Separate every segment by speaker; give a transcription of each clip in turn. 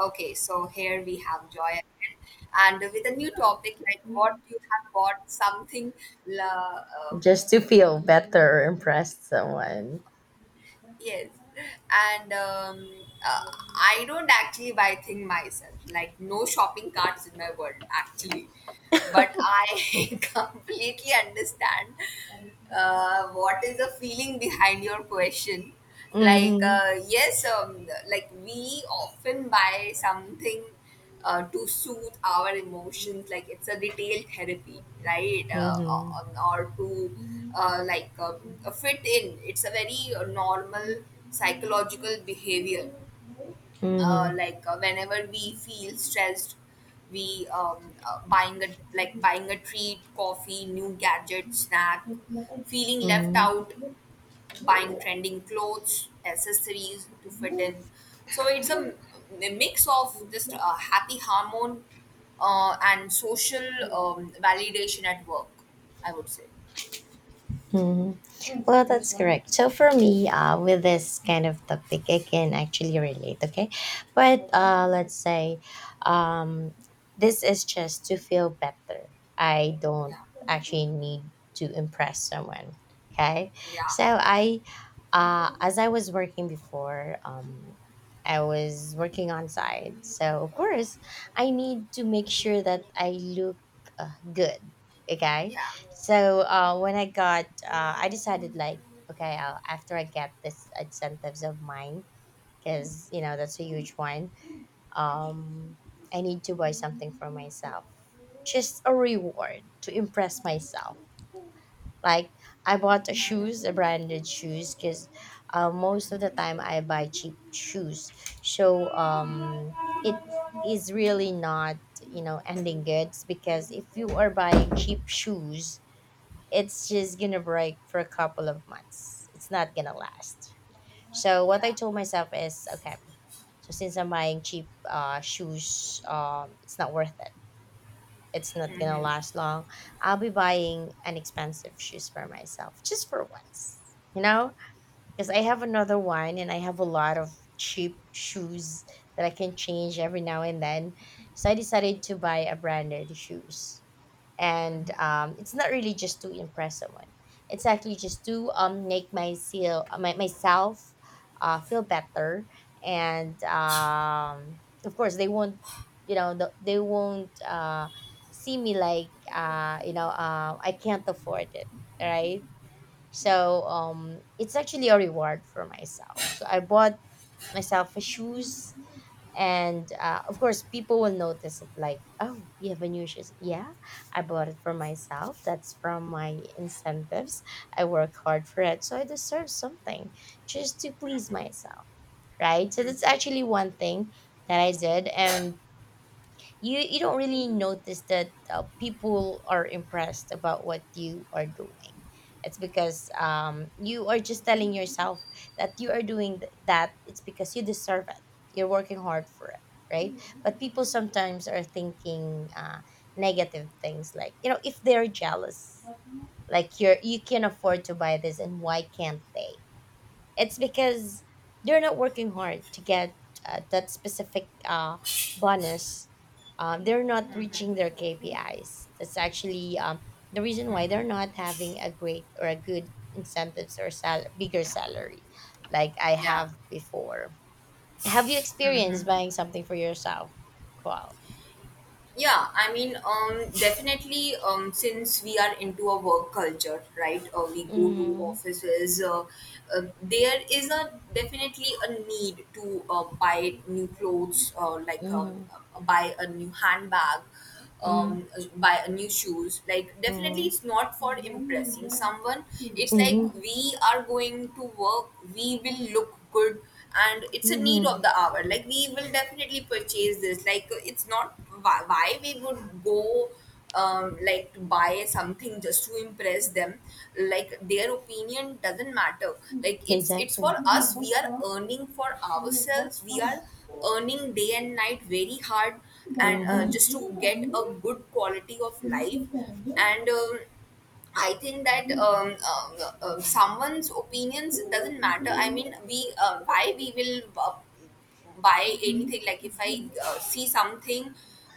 Speaker 1: Okay, so here we have Joy again, and with a new topic like what you have bought something. la- Um,
Speaker 2: Just to feel better or impress someone.
Speaker 1: yes, and uh, I don't actually buy thing myself. Like no shopping carts in my world actually, but I completely understand what is the feeling behind your question.
Speaker 2: Mm-hmm.
Speaker 1: Yes, like we often buy something to soothe our emotions like it's a detailed therapy right
Speaker 2: Mm-hmm.
Speaker 1: or to uh, like uh, fit in. It's a very normal psychological behavior
Speaker 2: Mm-hmm.
Speaker 1: whenever we feel stressed we buying a treat, coffee, new gadget, snack, feeling left
Speaker 2: Mm-hmm.
Speaker 1: out, buying trending clothes, accessories to fit in. So it's a, a mix of just a happy hormone and social validation at work, I would say.
Speaker 2: Mhm. Well, that's correct. So for me, with this kind of topic, I can actually relate. Okay, but let's say, um, this is just to feel better. I don't
Speaker 1: Yeah,
Speaker 2: actually need to impress someone. Okay,
Speaker 1: yeah,
Speaker 2: so I, as I was working before, I was working on site. So of course, I need to make sure that I look good. Okay,
Speaker 1: yeah,
Speaker 2: so when I got, I decided like, okay, I'll, after I get this incentives of mine, because you know that's a huge one. Um, I need to buy something for myself, just a reward to impress myself. Like I bought a
Speaker 1: hmm,
Speaker 2: shoes, a branded shoes, because most of the time I buy cheap shoes. So it is really not ending goods, because if you are buying cheap shoes, it's just gonna break for a couple of months. It's not gonna last. So what I
Speaker 1: yeah,
Speaker 2: told myself is, okay, so since I'm buying cheap shoes, it's not worth it. It's not gonna last long. I'll be buying an expensive shoes for myself just for once, you know, because I have another one and I have a lot of cheap shoes that I can change every now and then. So I decided to buy a branded shoes, and it's not really just to impress someone, it's actually just to make myself feel better, and of course they won't they won't see me like I can't afford it, right? So it's actually a reward for myself. So I bought myself a shoes, and of course, people will notice it. Like, oh, you have a new shoes. Yeah, I bought it for myself. That's from my incentives. I work hard for it, so I deserve something just to please myself, right? So that's actually one thing that I did, and you don't really notice that people are impressed about what you are doing. It's because you are just telling yourself that you are doing that it's because you deserve it, you're working hard for it, right? Mhm. But people sometimes are thinking negative things, like you know, if they're jealous, like you can afford to buy this and why can't they. It's because they're not working hard to get that specific bonus. They're not reaching their KPIs. That's actually the reason why they're not having a great or a good incentives or bigger salary, like I
Speaker 1: yeah.
Speaker 2: have before. Have you experienced buying something for yourself, Qual?
Speaker 1: Yeah, I mean, definitely, since we are into a work culture, right? We go to
Speaker 2: Mm-hmm.
Speaker 1: offices. There is a definitely a need to buy new clothes,
Speaker 2: Mm-hmm.
Speaker 1: buy a new handbag, um, buy a new shoes, like definitely
Speaker 2: Mm-hmm.
Speaker 1: it's not for impressing someone, it's like
Speaker 2: Mm-hmm.
Speaker 1: we are going to work, we will look good, and it's a need of
Speaker 2: Mm-hmm.
Speaker 1: the hour. Like we will definitely purchase this, like it's not why we would go like to buy something just to impress them. Like their opinion doesn't matter, like it's
Speaker 2: Exactly.
Speaker 1: for us, we are earning for
Speaker 2: Mm,
Speaker 1: ourselves, we
Speaker 2: mm,
Speaker 1: are earning day and night very hard and
Speaker 2: mm,
Speaker 1: just
Speaker 2: mm.
Speaker 1: to get a good quality of life. And I think that someone's opinions doesn't matter. I mean, we why we will buy anything? Like if I see something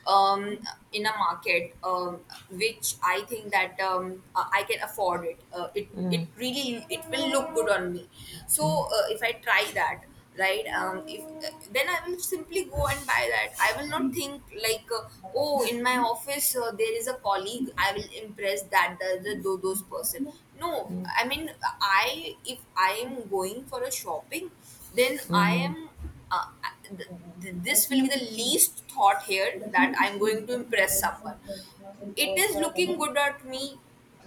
Speaker 1: um, in a market, which I think that I can afford it, it it really it will look good on me, so if I try that, right? If then I will simply go and buy that. I will not think like oh, in my office there is a colleague, I will impress that those person. No, I mean, I if I am going for a shopping, then I am uh, th- this will be the least thought here, that I'm going to impress someone. It is looking good at me.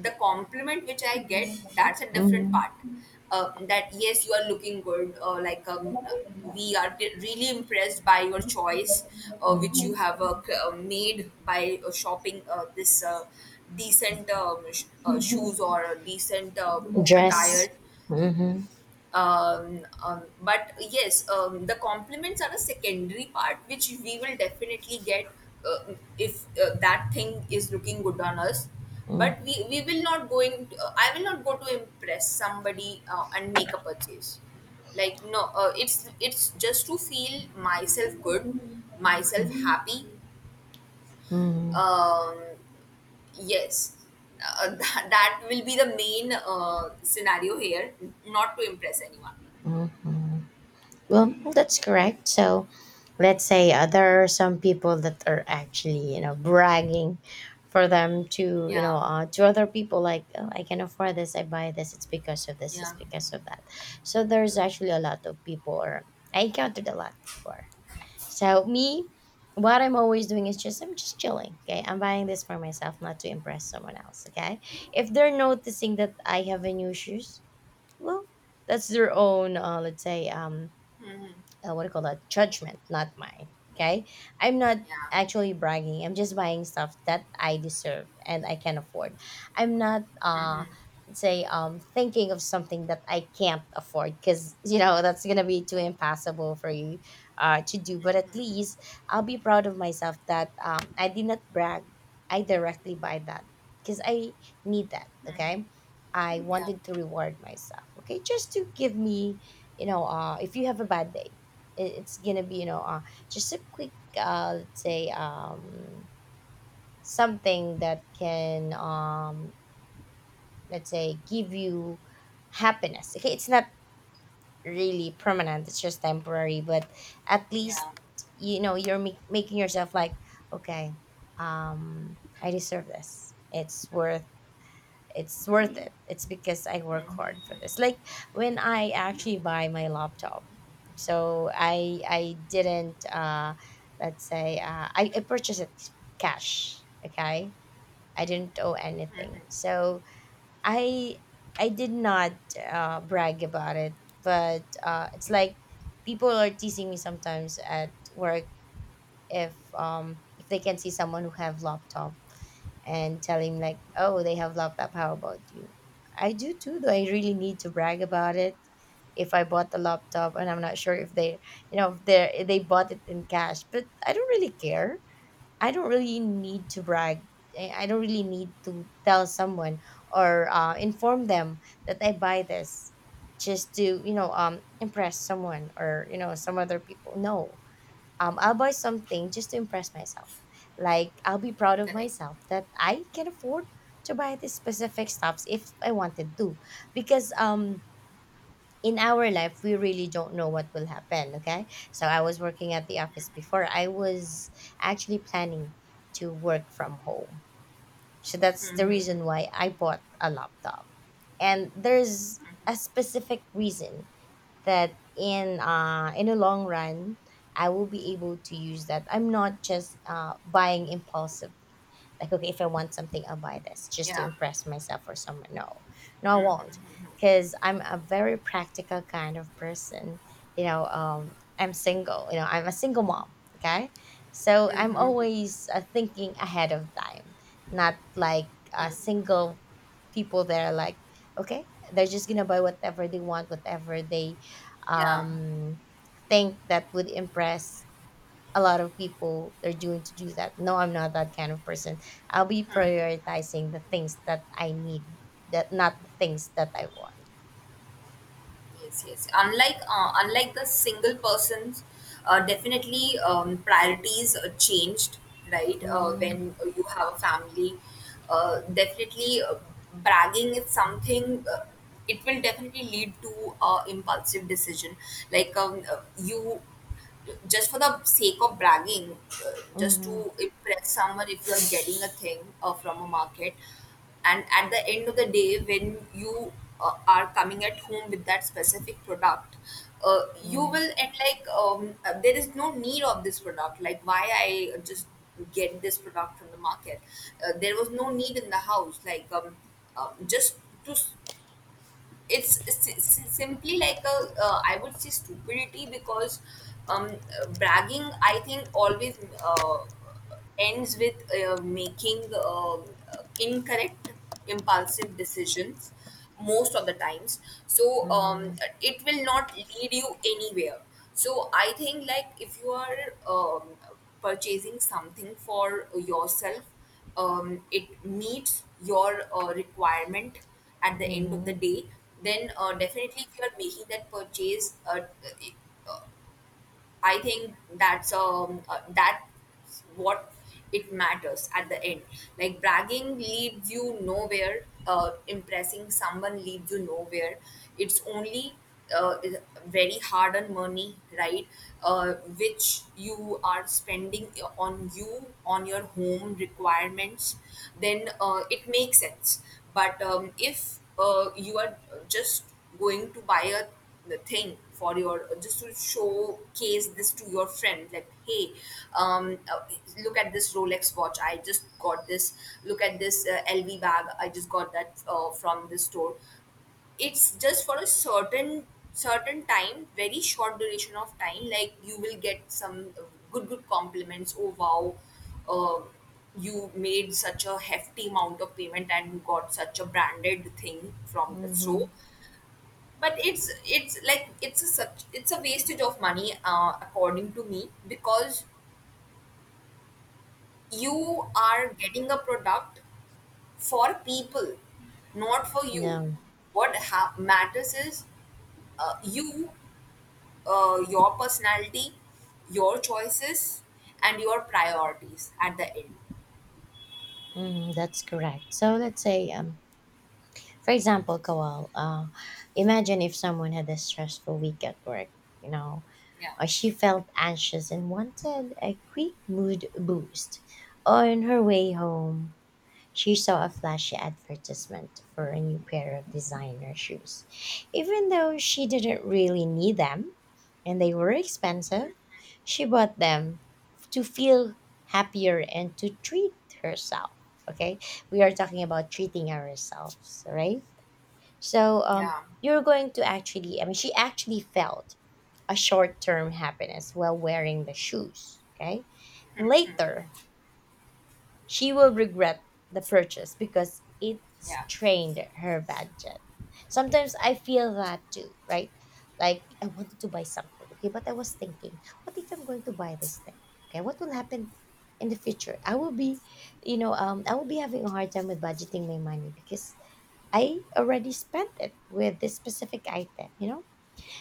Speaker 1: The compliment which I get, that's a different
Speaker 2: Mhm.
Speaker 1: part. That yes, you are looking good, or like
Speaker 2: Mhm.
Speaker 1: we are really impressed by your choice which you have made by shopping this decent shoes or a decent
Speaker 2: Dress.
Speaker 1: attire.
Speaker 2: Mm-hmm.
Speaker 1: But yes, the compliments are a secondary part which we will definitely get if that thing is looking good on us.
Speaker 2: Mm-hmm.
Speaker 1: But we will not going to, I will not go to impress somebody and make a purchase. Like no, it's it's just to feel myself good, myself happy. um, yes, that will be the main scenario here, not to impress anyone.
Speaker 2: Mm-hmm. Well, that's correct. So, let's say there are some people that are actually, you know, bragging, for them to, you know,
Speaker 1: Yeah.
Speaker 2: to other people, like oh, I can afford this, I buy this, it's because of this, it's
Speaker 1: Yeah.
Speaker 2: because of that. So there's actually a lot of people, or I encountered a lot before. So me, what I'm always doing is just, I'm just chilling. Okay, I'm buying this for myself, not to impress someone else. Okay, if they're noticing that I have a new shoes, well, that's their own let's say,
Speaker 1: Mhm.
Speaker 2: what do you call that, judgment, not mine. Okay, I'm not
Speaker 1: Yeah.
Speaker 2: actually bragging, I'm just buying stuff that I deserve and I can afford. I'm not
Speaker 1: Mhm.
Speaker 2: let's say thinking of something that I can't afford, because you know that's gonna be too impossible for you to do. But at
Speaker 1: Mhm.
Speaker 2: least I'll be proud of myself that I did not brag, I directly buy that because I need that.
Speaker 1: Mhm.
Speaker 2: Okay, I
Speaker 1: Yeah.
Speaker 2: wanted to reward myself. Okay, just to give me, you know, if you have a bad day, it's gonna be, you know, just a quick, let's say, something that can, let's say, give you happiness. Okay, it's not really permanent, it's just temporary, but at least,
Speaker 1: Yeah.
Speaker 2: you know, you're make making yourself like, okay, I deserve this, it's worth, it's worth it, it's because I work hard for this.
Speaker 1: Mhm.
Speaker 2: Like when I actually
Speaker 1: Mhm.
Speaker 2: buy my laptop, so I didn't let's say, I purchased it cash. Okay, I didn't owe anything, so i I did not brag about it. But uh, it's like people are teasing me sometimes at work, if they can see someone who have laptop and tell him like, "Oh, they have laptop. How about you?" I do too. Do I really need to brag about it? If I bought the laptop, and I'm not sure if they, you know, if they are, they bought it in cash, but I don't really care. I don't really need to brag. I don't really need to tell someone or inform them that I buy this just to, you know, impress someone or, you know, some other people. No, I'll buy something just to impress myself. Like, I'll be proud of
Speaker 1: Correct.
Speaker 2: myself that I can afford to buy these specific stuffs if I wanted to, because in our life we really don't know what will happen. Okay, so I was working at the office before. I was actually planning to work from home, so that's the reason
Speaker 1: Mhm.
Speaker 2: why I bought a laptop, and there's a specific reason that in the long run I will be able to use that. I'm not just buying impulsively, like okay, if I want something I'll buy this just to
Speaker 1: Yeah.
Speaker 2: impress myself or someone. No, no, I won't, because I'm a very practical kind of person, you know. I'm single, you know, I'm a single mom. Okay, so I'm
Speaker 1: Mhm.
Speaker 2: always thinking ahead of time, not like single people that are like, okay, they're just gonna buy whatever they want, whatever they,
Speaker 1: Yeah.
Speaker 2: um, think that would impress a lot of people, they're doing to do that. No, I'm not that kind of person. I'll be prioritizing the things that I need, that not the things that I want.
Speaker 1: Yes. Yes. Unlike the single person's, definitely priorities changed. Right.
Speaker 2: Mm-hmm.
Speaker 1: When you have a family, definitely bragging is something. It will definitely lead to impulsive decision. Like you, just for the sake of bragging, uh, just
Speaker 2: Mm-hmm.
Speaker 1: to impress someone, if you're getting a thing from a market. And at the end of the day, when you are coming at home with that specific product, you will at like there is no need of this product. Like why I just get this product from the market? There was no need in the house. Just to s- it's, it's simply like a I would say stupidity, because bragging I think always ends with making incorrect impulsive decisions most of the times. So
Speaker 2: Mm-hmm.
Speaker 1: it will not lead you anywhere. So I think like if you are purchasing something for yourself, it meets your requirement at the end of the
Speaker 2: Mm-hmm.
Speaker 1: day, then definitely if you are making that purchase, I think that's what it matters at the end. Like bragging leads you nowhere. Impressing someone leads you nowhere. It's only uh, is- very hard earned money, right? Which you are spending on you, on your home requirements, then it makes sense. But if you are just going to buy a the thing for your, just to showcase this to your friend, like hey, um uh, look at this Rolex watch, I just got this. Look at this LV bag, I just got that from this store. It's just for a certain time, very short duration of time, like you will get some good compliments, oh wow, uh, you made such a hefty amount of payment and you got such a branded thing from the
Speaker 2: Mm-hmm.
Speaker 1: store. But it's like, it's a such, it's a wastage of money according to me, because you are getting a product for people, not for you.
Speaker 2: No,
Speaker 1: Matters is you, your personality, your choices, and your priorities at the end.
Speaker 2: mm, that's correct. So let's say, for example, Kawal, imagine if someone had a stressful week at work. You know,
Speaker 1: Yeah,
Speaker 2: uh, she felt anxious and wanted a quick mood boost. On her way home, she saw a flashy advertisement for a new pair of designer shoes. Even though she didn't really need them and they were expensive, she bought them to feel happier and to treat herself. Okay, we are talking about treating ourselves, right? So,
Speaker 1: yeah,
Speaker 2: you're going to actually, I mean, she actually felt a short term happiness while wearing the shoes. Okay. Later, she will regret the purchase because it
Speaker 1: yeah,
Speaker 2: strained her budget. Sometimes I feel that too, right? Like I wanted to buy something, okay, but I was thinking, what if I'm going to buy this thing? Okay, what will happen in the future? I will be, you know, I will be having a hard time with budgeting my money because I already spent it with this specific item, you know?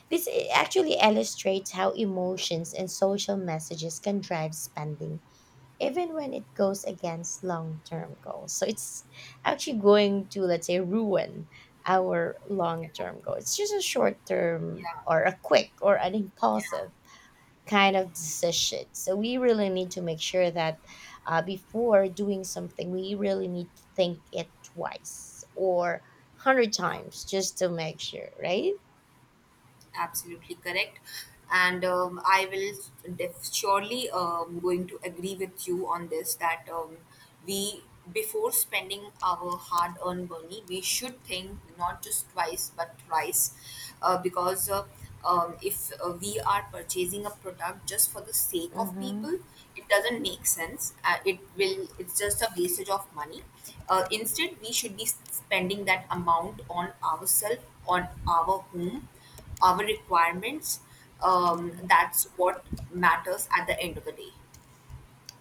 Speaker 2: This actually illustrates how emotions and social messages can drive spending, even when it goes against long term goals. So it's actually going to, let's say, ruin our long
Speaker 1: yeah,
Speaker 2: term goal. It's just a short term
Speaker 1: yeah,
Speaker 2: or a quick or an
Speaker 1: yeah,
Speaker 2: impulsive kind of decision. So we really need to make sure that, before doing something, we really need to think it twice or 100
Speaker 1: yeah.
Speaker 2: times just to make sure, right?
Speaker 1: Absolutely correct. And I will surely going to agree with you on this, that we, before spending our hard earned money, we should think not just twice but thrice, because if we are purchasing a product just for the sake of
Speaker 2: Mm-hmm.
Speaker 1: people, it doesn't make sense. It will, it's just a wastage of money. Instead we should be spending that amount on ourselves, on our home, our requirements. That's what matters at the end of the day.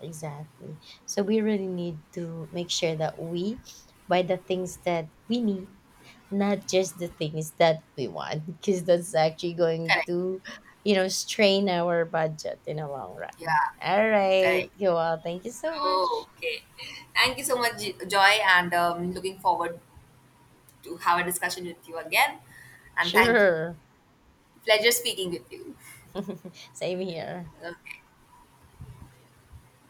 Speaker 2: Exactly. So we really need to make sure that we buy the things that we need, not just the things that we want, because that's actually going
Speaker 1: Correct.
Speaker 2: to, you know, strain our budget in the long run.
Speaker 1: Yeah.
Speaker 2: All right.
Speaker 1: Correct.
Speaker 2: Well, thank you so much.
Speaker 1: Okay. Thank you so much, Joy, and looking forward to have a discussion with you again. And thank you.
Speaker 2: Sure.
Speaker 1: Pleasure speaking with you.
Speaker 2: Same here.
Speaker 1: Okay.